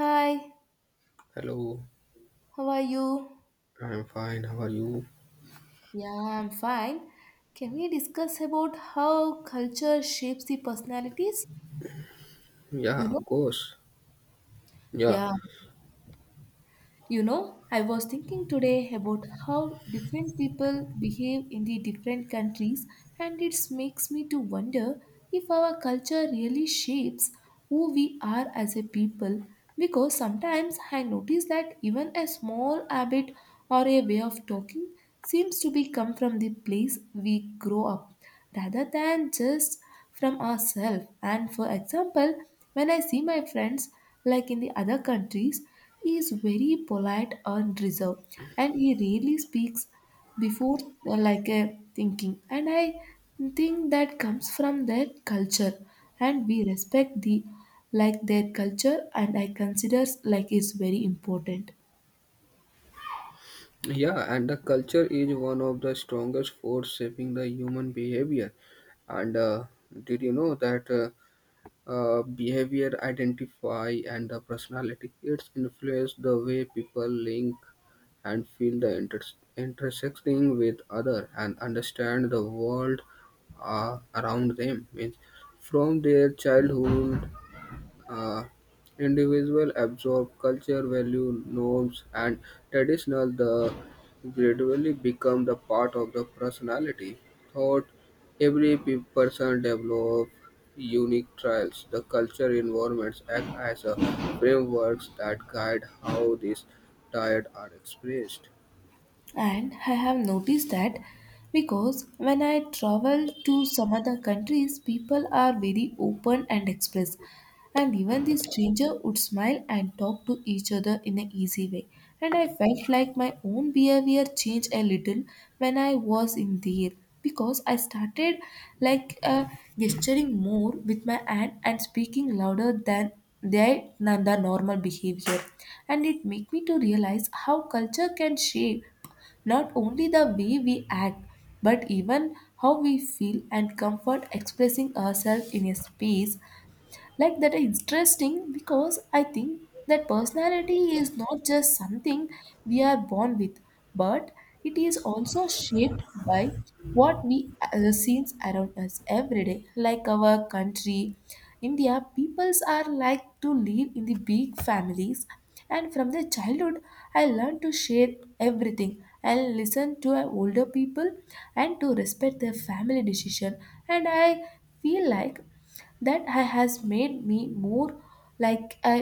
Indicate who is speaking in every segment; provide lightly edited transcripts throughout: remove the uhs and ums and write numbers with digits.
Speaker 1: Hi,
Speaker 2: Hello,
Speaker 1: how are you?
Speaker 2: I'm fine. How are you?
Speaker 1: Yeah, I'm fine. Can we discuss about how culture shapes the personalities? You
Speaker 2: Yeah, of
Speaker 1: know?
Speaker 2: course. Yeah,
Speaker 1: Yeah. You know, I was thinking today about how different people behave in the different countries, and it makes me to wonder if our culture really shapes who we are as a people. Because sometimes I notice that even a small habit or a way of talking seems to be come from the place we grow up rather than just from ourselves. And for example, when I see my friends, like in the other countries, he is very polite and reserved, and he rarely speaks before like a thinking. And I think that comes from their culture, and we respect the like their culture, and I consider like it's very important.
Speaker 2: yeah, and the culture is one of the strongest force shaping the human behavior. And did you know that behavior identify and the personality? It's influence the way people link and feel the intersecting with other and understand the world around them. Means from their childhood, uh, individual absorb culture, value, norms, and traditional the gradually become the part of the personality. Thought every person develop unique trials. The culture environments act as a frameworks that guide how these diet are expressed.
Speaker 1: And I have noticed that because when I travel to some other countries, people are very open and express. And even the stranger would smile and talk to each other in an easy way. And I felt like my own behavior changed a little when I was in there because I started like gesturing more with my hand and speaking louder than their than the normal behavior, and it made me to realize how culture can shape not only the way we act, but even how we feel and comfort expressing ourselves in a space like that is interesting because I think that personality is not just something we are born with but it is also shaped by what we see around us every day. Like our country india peoples are like to live in the big families, and from the childhood I learned to share everything and listen to our older people and to respect their family decision, and I feel like that has made me more like a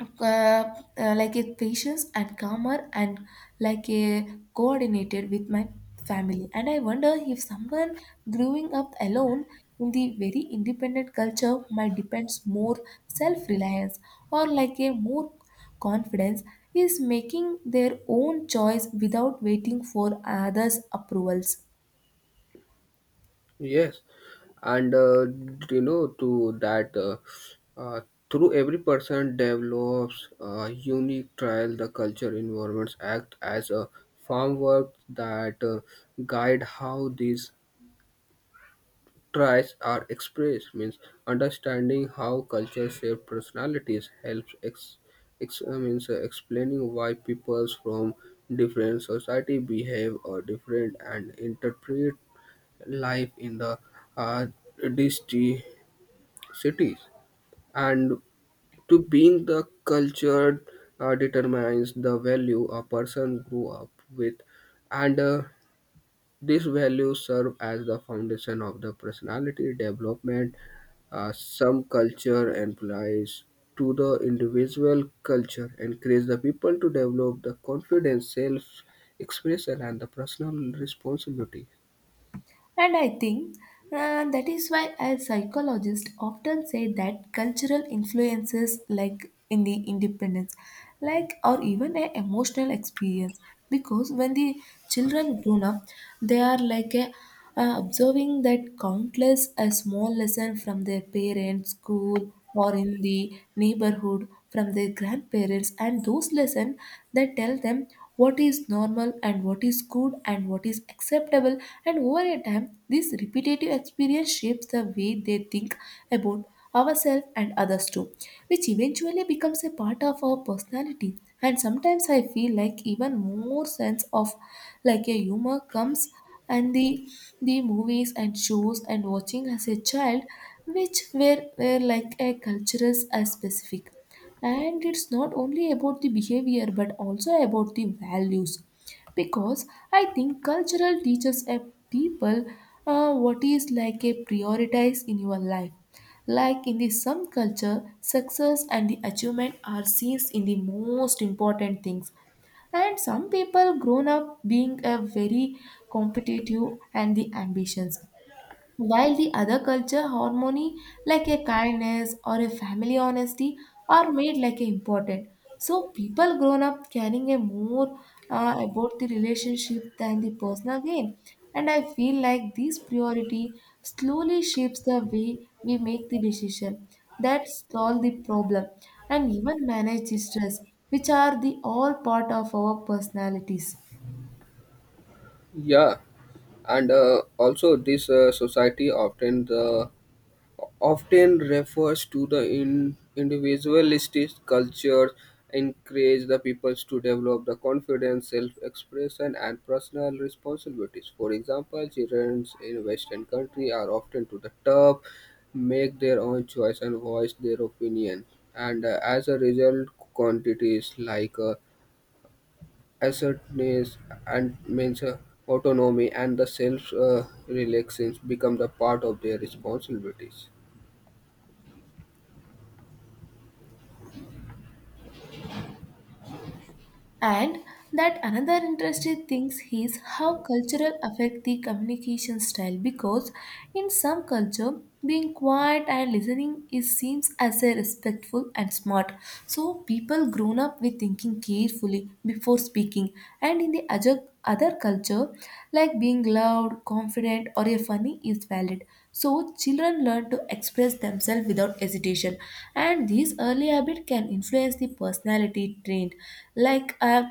Speaker 1: like a patient and calmer and like a coordinated with my family. And I wonder if someone growing up alone in the very independent culture might depends more self-reliance or like a more confidence is making their own choice without waiting for others approvals.
Speaker 2: Yes, and you know to that uh, through every person develops a unique trial. The culture environments act as a framework that guide how these trials are expressed. Means understanding how culture shape personalities helps ex, ex means explaining why peoples from different society behave or different and interpret life in the uh, dist- cities, and to being the culture determines the value a person grew up with, and these values serve as the foundation of the personality development. Some culture implies to the individual culture encourage the people to develop the confidence self expression and the personal responsibility.
Speaker 1: And I think that is why a psychologist often say that cultural influences like in the independence, like or even a emotional experience, because when the children grown up, they are like a observing that countless a small lesson from their parents, school, or in the neighborhood from their grandparents, and those lessons that tell them what is normal and what is good and what is acceptable, and over a time, this repetitive experience shapes the way they think about ourselves and others too, which eventually becomes a part of our personality. And sometimes I feel like even more sense of like a humor comes and the movies and shows and watching as a child which were like a cultural as specific, and it's not only about the behavior but also about the values because I think cultural teaches a people what is like a prioritize in your life. Like in the some culture success and the achievement are seen in the most important things, and some people grown up being a very competitive and the ambitions, while the other culture harmony, like a kindness or a family honesty, are made like a important. So people grown up caring a more about the relationship than the personal gain. And I feel like this priority slowly shapes the way we make the decision that solve the problem and even manage the stress, which are the all part of our personalities.
Speaker 2: Yeah, and also this society often refers to the individualistic culture encourage the peoples to develop the confidence self-expression and personal responsibilities. For example, children in western country are often to the top make their own choice and voice their opinion, and as a result quantities like assertiveness and means autonomy and the self relaxation become the part of their responsibilities.
Speaker 1: And that another interesting thing is how cultural affect the communication style, because in some culture being quiet and listening is seems as a respectful and smart. So people grown up with thinking carefully before speaking, and in the other culture like being loud, confident or a funny is valid. So, children learn to express themselves without hesitation, and these early habits can influence the personality trait, like uh,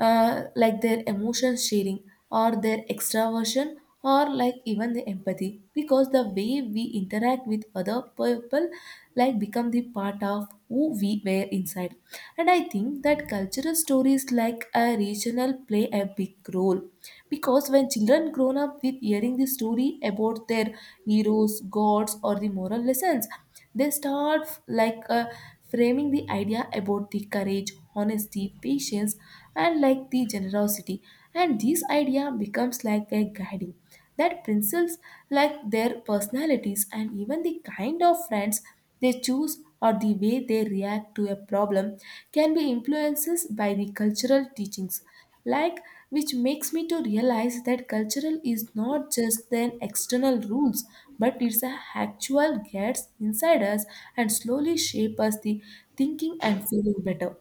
Speaker 1: like their emotion sharing or their extraversion or like even the empathy, because the way we interact with other people like become the part of who we were inside. And I think that that cultural stories like a regional play a big role because when children grown up with hearing the story about their heroes, gods, or the moral lessons, they start like framing the idea about the courage, honesty, patience, and like the generosity, and this idea becomes like a guiding that principles like their personalities, and even the kind of friends they choose or the way they react to a problem can be influenced by the cultural teachings, like which makes me to realize that cultural is not just then external rules but it's a actual gets inside us and slowly shape us the thinking and feeling better.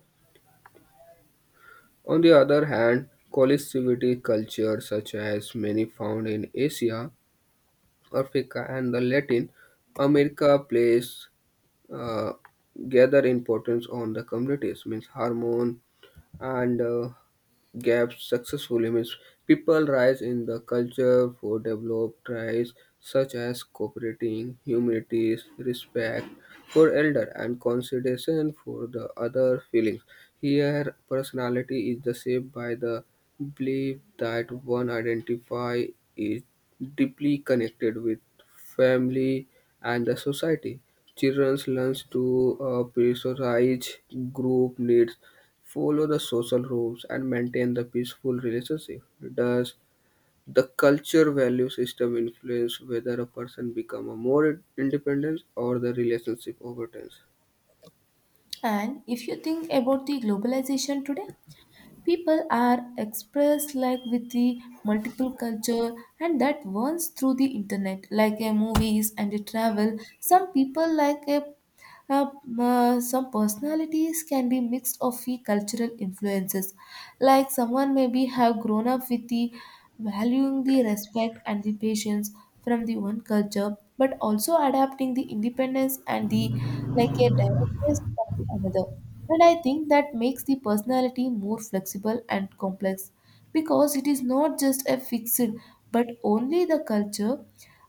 Speaker 2: On the other hand, collectivity culture, such as many found in Asia, Africa, and the Latin America, plays uh, gather importance on the communities, means hormone and gaps successfully. Means people rise in the culture for developed traits such as cooperating, humility, respect for elder, and consideration for the other feelings. Here, personality is the shaped by the belief that one identify is deeply connected with family and the society. Children learn to prioritize group needs, follow the social rules, and maintain the peaceful relationship. Does the culture value system influence whether a person become a more independent or the relationship over?
Speaker 1: And if you think about the globalization today, people are expressed like with the multiple culture, and that runs through the internet, like a movies and a travel. Some people like a uh, some personalities can be mixed of the cultural influences. Like someone maybe have grown up with the valuing the respect and the patience from the one culture, but also adapting the independence and the like a directness from the another. And I think that makes the personality more flexible and complex because it is not just a fixed but only the culture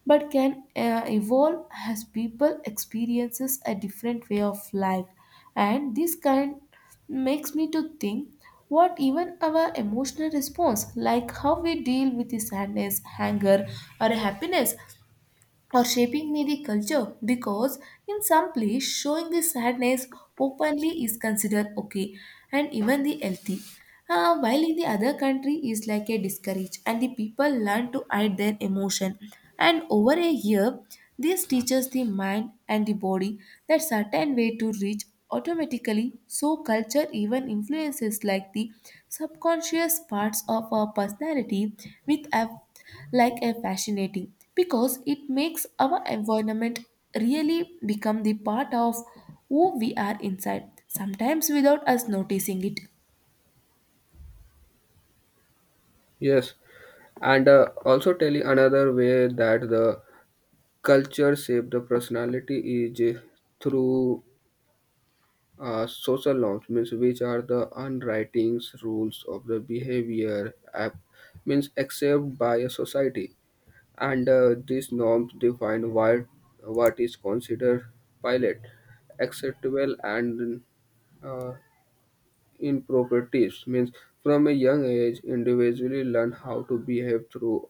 Speaker 1: but can evolve as people experiences a different way of life, and this kind makes me to think what even our emotional response like how we deal with the sadness anger or happiness or shaping me the culture, because in some place showing the sadness openly is considered okay and even the healthy. While in the other country is like a discourage and the people learn to hide their emotion, and over a year this teaches the mind and the body that certain way to reach automatically. So culture even influences like the subconscious parts of our personality, with like a fascinating because it makes our environment really become the part of who we are inside sometimes without us noticing it.
Speaker 2: Yes, and also tell you another way that the culture shape the personality is through social norms, means which are the unwritings rules of the behavior app, means accepted by a society, and these norms define what is considered pilot acceptable and uh, inappropriate tips. Means from a young age individually learn how to behave through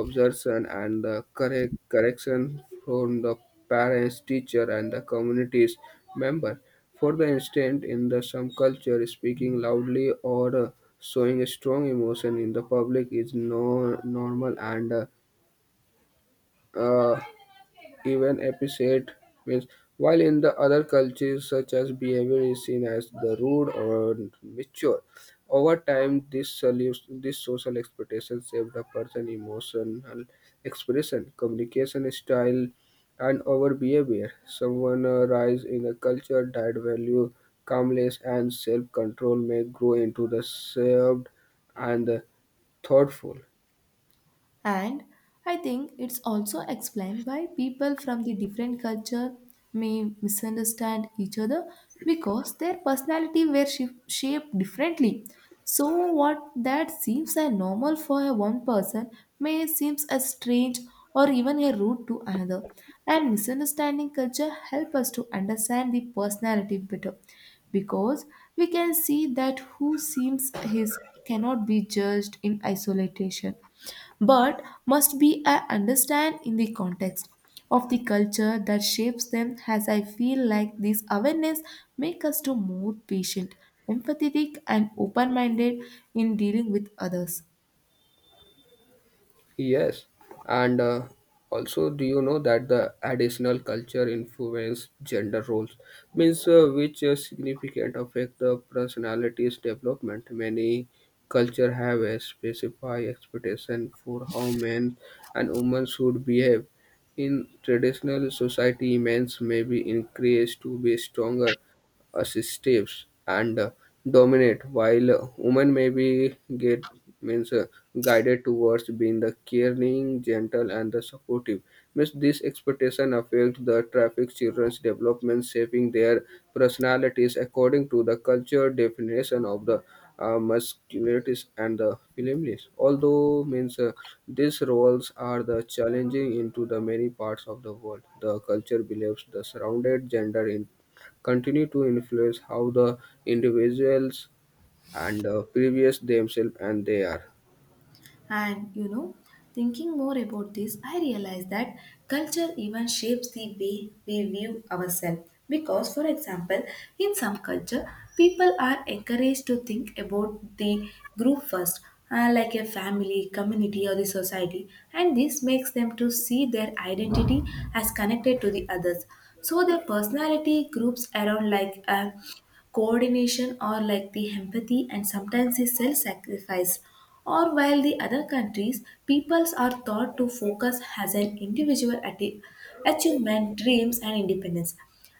Speaker 2: observation and correction from the parents, teacher, and the community's member. For the instance, in the some culture speaking loudly or showing a strong emotion in the public is no normal and uh, even appreciate, means, while in the other cultures such as behavior is seen as the rude or mature. Over time this this social expectation shape the person's emotional expression, communication style, and our behavior. Someone rise in a culture that value calmness and self-control may grow into the served and thoughtful.
Speaker 1: And I think it's also explained why people from the different culture may misunderstand each other because their personality were shaped differently. So what that seems a normal for a one person may seems as strange or even a rude to another. And misunderstanding culture help us to understand the personality better because we can see that who seems his cannot be judged in isolation but must be understand in the context of the culture that shapes them, as I feel like this awareness make us to more patient empathetic and open minded in dealing with others.
Speaker 2: Yes, and also, do you know that the additional culture influence gender roles, means which significant affect the personality's development? Many culture have a specified expectation for how men and women should behave. In traditional society, men may be encouraged to be stronger, assistive, and dominant, while women may be get, means guided towards being the caring, gentle, and the supportive. Means this expectation affects the traffic children's development, shaping their personalities according to the culture definition of the masculinity and the femininity. Although means these roles are the challenging into the many parts of the world. The culture believes the surrounded gender in continue to influence how the individuals and previous themselves and they are.
Speaker 1: And you know, thinking more about this, I realized that culture even shapes the way we view ourselves. Because, for example, in some culture, people are encouraged to think about the group first, like a family, community, or the society, and this makes them to see their identity as connected to the others. So their personality groups around like coordination or like the empathy and sometimes the self-sacrifice, or while the other countries peoples are thought to focus as an individual at achievement dreams and independence,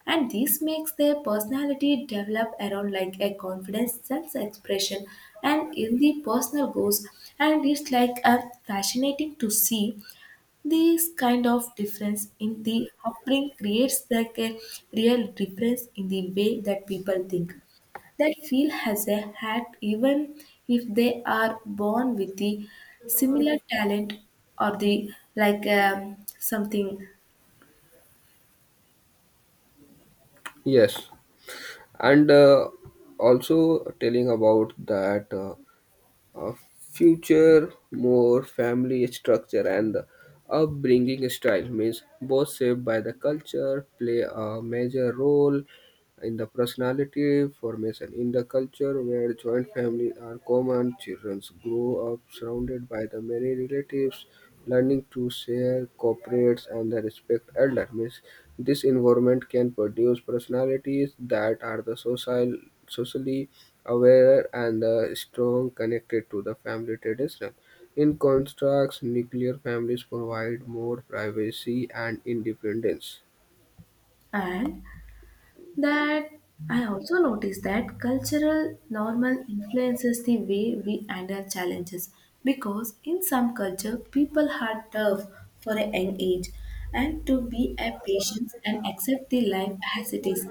Speaker 1: and this makes their personality develop around like a confidence self-expression and in the personal goals. And it's like a fascinating to see this kind of difference in the upbringing creates like a real difference in the way that people think that feel has a hat even if they are born with the similar talent or the like something.
Speaker 2: Yes, and also telling about that future more family structure and the upbringing style, means both shaped by the culture, play a major role in the personality formation. In the culture where joint families are common, children grow up surrounded by the many relatives, learning to share, cooperate, and the respect elder. Means this environment can produce personalities that are the social, socially aware and strong connected to the family tradition. In contrast, nuclear families provide more privacy and independence.
Speaker 1: And that I also noticed that cultural normal influences the way we handle challenges, because in some culture people are tough for a young age and to be a patient and accept the life as it is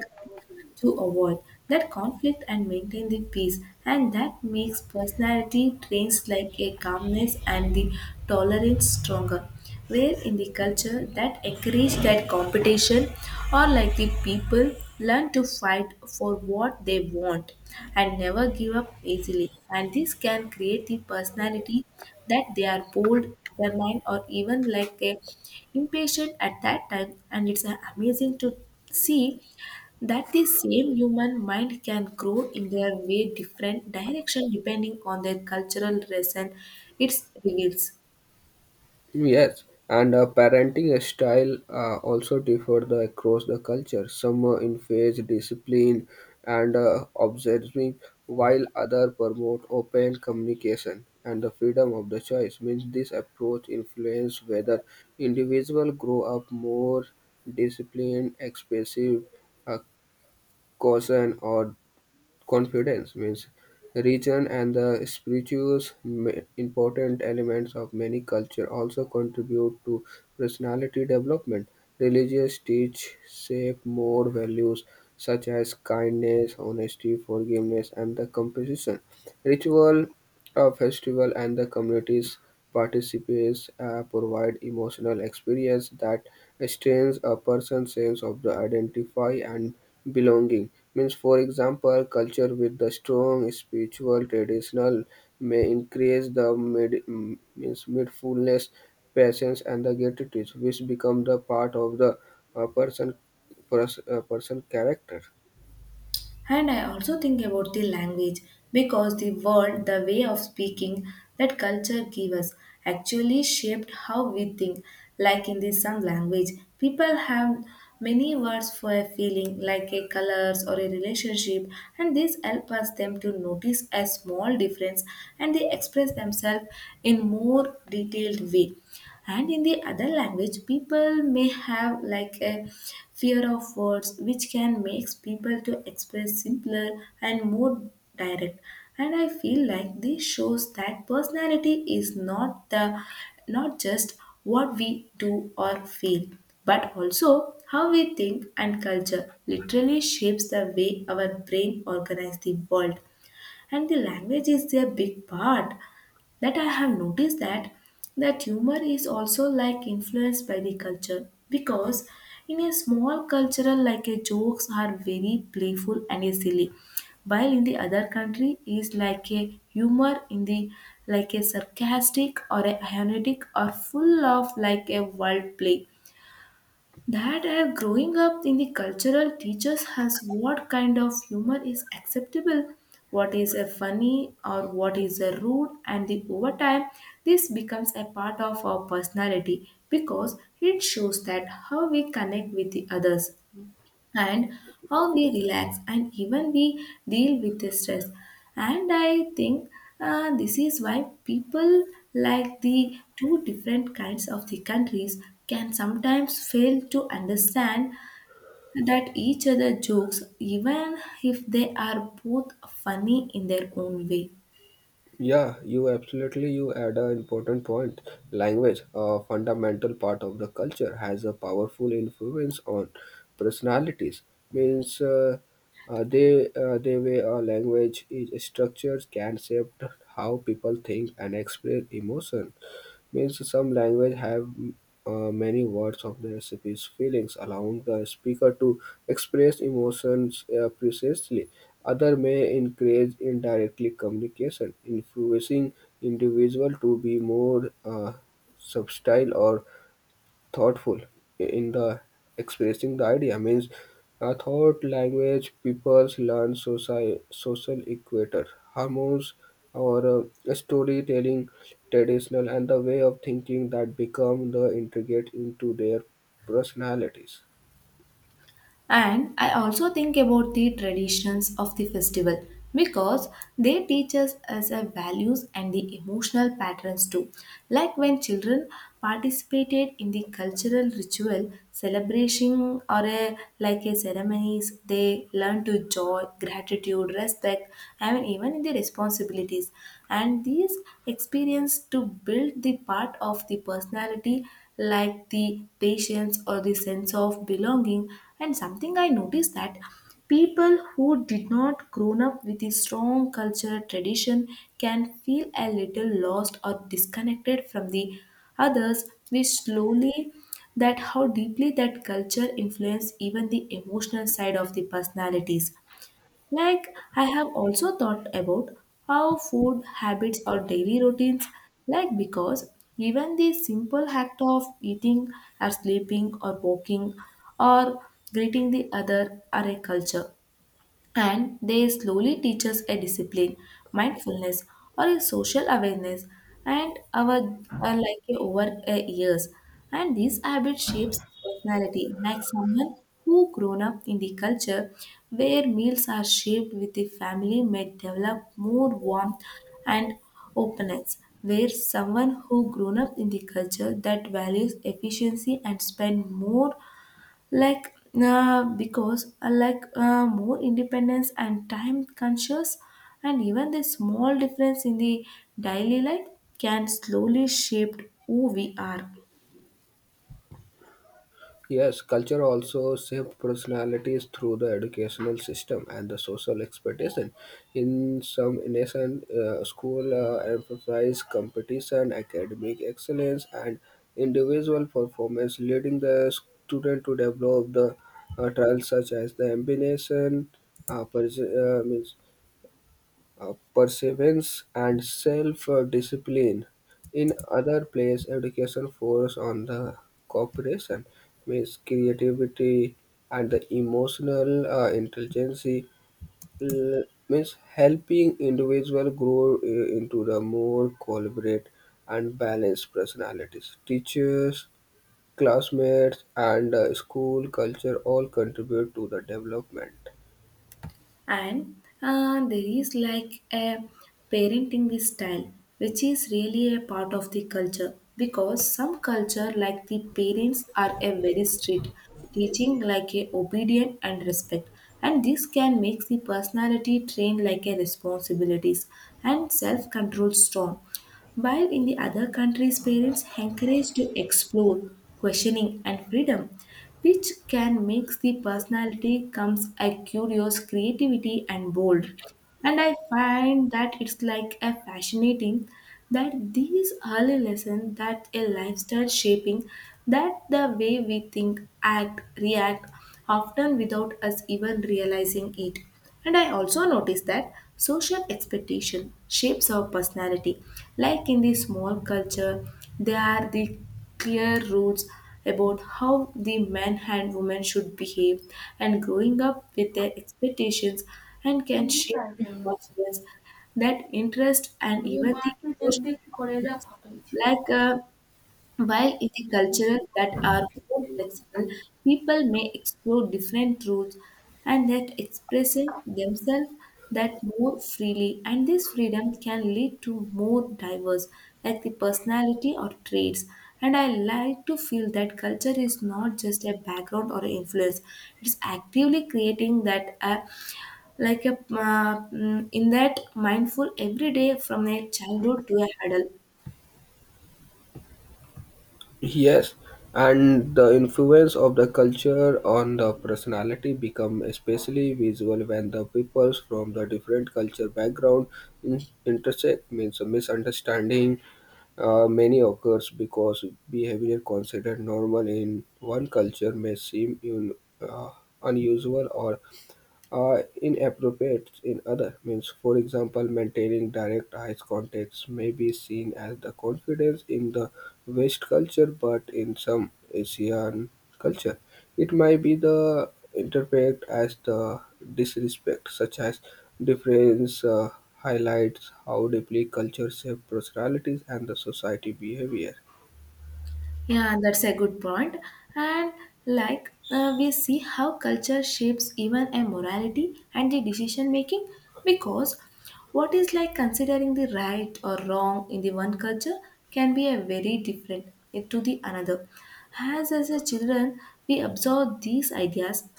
Speaker 1: to avoid that conflict and maintain the peace, and that makes personality traits like a calmness and the tolerance stronger, where in the culture that encourage that competition or like the people learn to fight for what they want and never give up easily, and this can create the personality that they are bold determined or even like a impatient at that time. And it's amazing to see that the same human mind can grow in their way different direction depending on their cultural reason it reveals.
Speaker 2: Yes, and parenting style also differ across the culture. Some emphasize discipline and observing, while others promote open communication and the freedom of the choice. Means this approach influence whether individual grow up more disciplined, expressive, uh, caution, or confidence. Means religion and the spirituous important elements of many culture also contribute to personality development. Religious teach shape more values such as kindness, honesty, forgiveness, and the compassion. Ritual, a festival, and the community's participants provide emotional experience that strengthens a person's sense of the identify and belonging. Means, for example, culture with the strong spiritual traditional may increase the mid, mm, means mindfulness, patience, and the gratitude, which become the part of the uh, person person character.
Speaker 1: And I also think about the language because the word, the way of speaking that culture gives us actually shaped how we think. Like in the some language, people have many words for a feeling like a colors or a relationship, and this helps us them to notice a small difference, and they express themselves in more detailed way. And in the other language, people may have like a fear of words, which can make people to express simpler and more direct. And I feel like this shows that personality is not the, not just what we do or feel, but also how we think, and culture literally shapes the way our brain organizes the world and the language is a big part. That I have noticed that that humor is also like influenced by the culture, because in a small cultural like a jokes are very playful and a silly, while in the other country is like a humor in the like a sarcastic or a ironic or full of like a world play. That growing up in the cultural teaches us what kind of humor is acceptable, what is a funny or what is a rude, and the over time this becomes a part of our personality because it shows that how we connect with the others, and how we relax and even we deal with the stress. And I think this is why people like the two different kinds of the countries can sometimes fail to understand that each other jokes, even if they are both funny in their own way.
Speaker 2: Yeah, you absolutely you add an important point. Language, a fundamental part of the culture, has a powerful influence on personalities. Means they way a language is structured can shape how people think and express emotion. Means some language have many words of the recipe's feelings, allowing the speaker to express emotions precisely. Other may encourage indirectly communication, influencing individual to be more subtle or thoughtful in the expressing the idea. Means a thought language peoples learn social equator hormones or storytelling traditional and the way of thinking that become the integrate into their personalities.
Speaker 1: And I also think about the traditions of the festival, because they teach us as a values and the emotional patterns too. Like when children participated in the cultural ritual, celebration or a, like a ceremonies, they learn to joy, gratitude, respect, and even in the responsibilities. And these experience to build the part of the personality, like the patience or the sense of belonging. And something I noticed that people who did not grown up with a strong cultural tradition can feel a little lost or disconnected from the others, which slowly that how deeply that culture influence even the emotional side of the personalities. Like, I have also thought about how food habits or daily routines, like, because even the simple act of eating or sleeping or walking or greeting the other are a culture, and they slowly teach us a discipline, mindfulness, or a social awareness, and our are like a over a years. And these habits shapes personality, like someone who grown up in the culture where meals are shaped with the family may develop more warmth and openness. Where someone who grown up in the culture that values efficiency and spend more, like because like more independence and time conscious. And even the small difference in the daily life can slowly shape who we are.
Speaker 2: Yes, culture also shapes personalities through the educational system and the social expectation. In some nation, school emphasize competition, academic excellence, and individual performance, leading the student to develop the traits such as the ambition, pers- means perseverance and self-discipline. In other place, education focuses on the cooperation, means creativity and the emotional intelligence, l- means helping individual grow into the more collaborate and balanced personalities. Teachers, classmates, and school culture all contribute to the development.
Speaker 1: And there is like a parenting style which is really a part of the culture, because some culture like the parents are a very strict teaching like a obedient and respect, and this can make the personality trained like a responsibilities and self-control strong, while in the other countries parents encourage to explore questioning and freedom, which can mix the personality comes a curious creativity and bold. And I find that it's like a fascinating that these early lessons that a lifestyle shaping that the way we think act react, often without us even realizing it. And I also noticed that social expectation shapes our personality, like in the small culture they are the clear rules about how the men and women should behave, and growing up with their expectations and can shape the confidence that interest and
Speaker 2: ये
Speaker 1: even the
Speaker 2: मार्ट में
Speaker 1: emotional
Speaker 2: देख-देख के कॉलेजा.
Speaker 1: performance. Like while in the cultures that are more flexible, people may explore different routes and that expressing themselves that more freely, and this freedom can lead to more diverse like the personality or traits. And I like to feel that culture is not just a background or influence, it's actively creating that like a in that mindful every day from a childhood to a adult.
Speaker 2: Yes, and the influence of the culture on the personality become especially visible when the peoples from the different culture background intersect. Means a misunderstanding many occurs because behavior considered normal in one culture may seem uh, unusual or are inappropriate in other, means. For example, maintaining direct eye contact may be seen as the confidence in the West culture, but in some Asian culture, it might be the interpreted as the disrespect, such as difference highlights how deeply culture shapes personalities and the society behavior.
Speaker 1: Yeah, that's a good point. And like we see how culture shapes even a morality and the decision making, because what is like considering the right or wrong in the one culture can be a very different to the another. As a children, we absorb these ideas,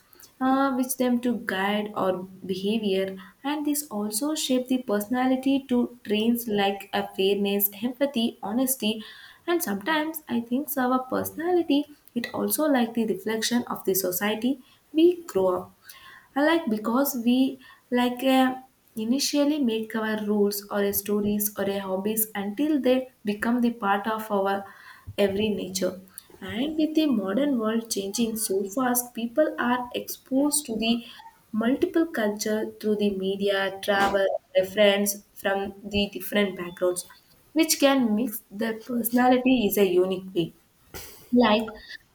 Speaker 1: which them to guide our behavior, and this also shape the personality to traits like a fairness empathy honesty. And sometimes I think so our personality, it also like the reflection of the society we grow up. I like because we like initially make our rules or a stories or a hobbies until they become the part of our every nature. And with the modern world changing so fast, people are exposed to the multiple culture through the media, travel, reference from the different backgrounds, which can mix their personality is a unique way. Like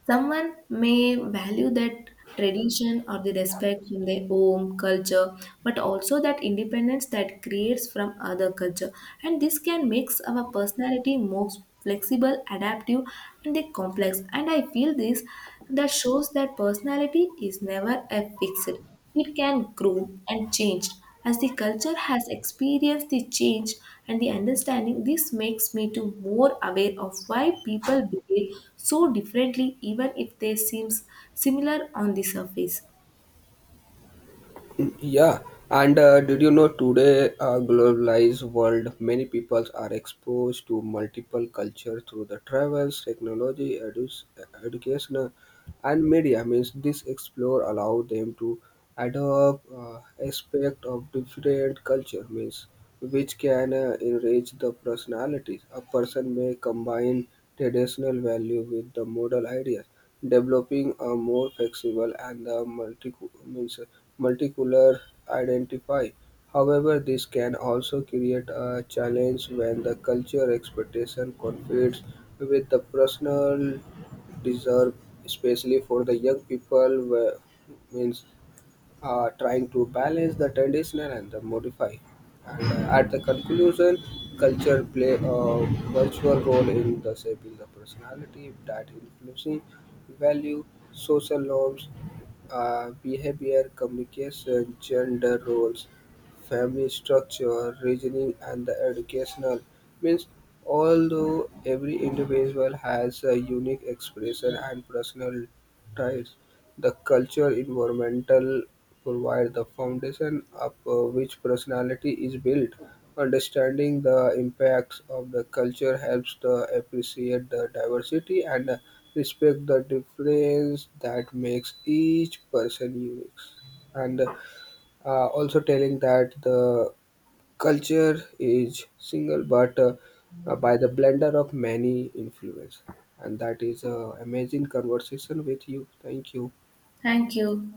Speaker 1: someone may value that tradition or the respect from their own culture, but also that independence that creates from other culture. And this can makes our personality more flexible, adaptive, and the complex. And I feel this that shows that personality is never a fixed. It can grow and change as the culture has experienced the change and the understanding. This makes me to more aware of why people behave so differently, even if they seem similar on the surface.
Speaker 2: Yeah, and did you know today, globalized world, many people are exposed to multiple cultures through the travels, technology, education, and media. Means this explore allow them to adopt aspect of different culture, means which can enrich the personalities. A person may combine traditional value with the model ideas, developing a more flexible and the multi, means multicolor identify. However this can also create a challenge when the culture expectation conflicts with the personal deserve, especially for the young people, where, means trying to balance the traditional and the modify. And at the conclusion, culture play a virtual role in the shaping the personality that influencing value, social norms, behavior, communication, gender roles, family structure, reasoning, and the educational means. Although every individual has a unique expression and personal traits, the cultural environmental provides the foundation upon which personality is built. Understanding the impacts of the culture helps to appreciate the diversity and respect the difference that makes each person unique. And also telling that the culture is single but by the blender of many influences. And that is an amazing conversation with you. Thank you.
Speaker 1: Thank you.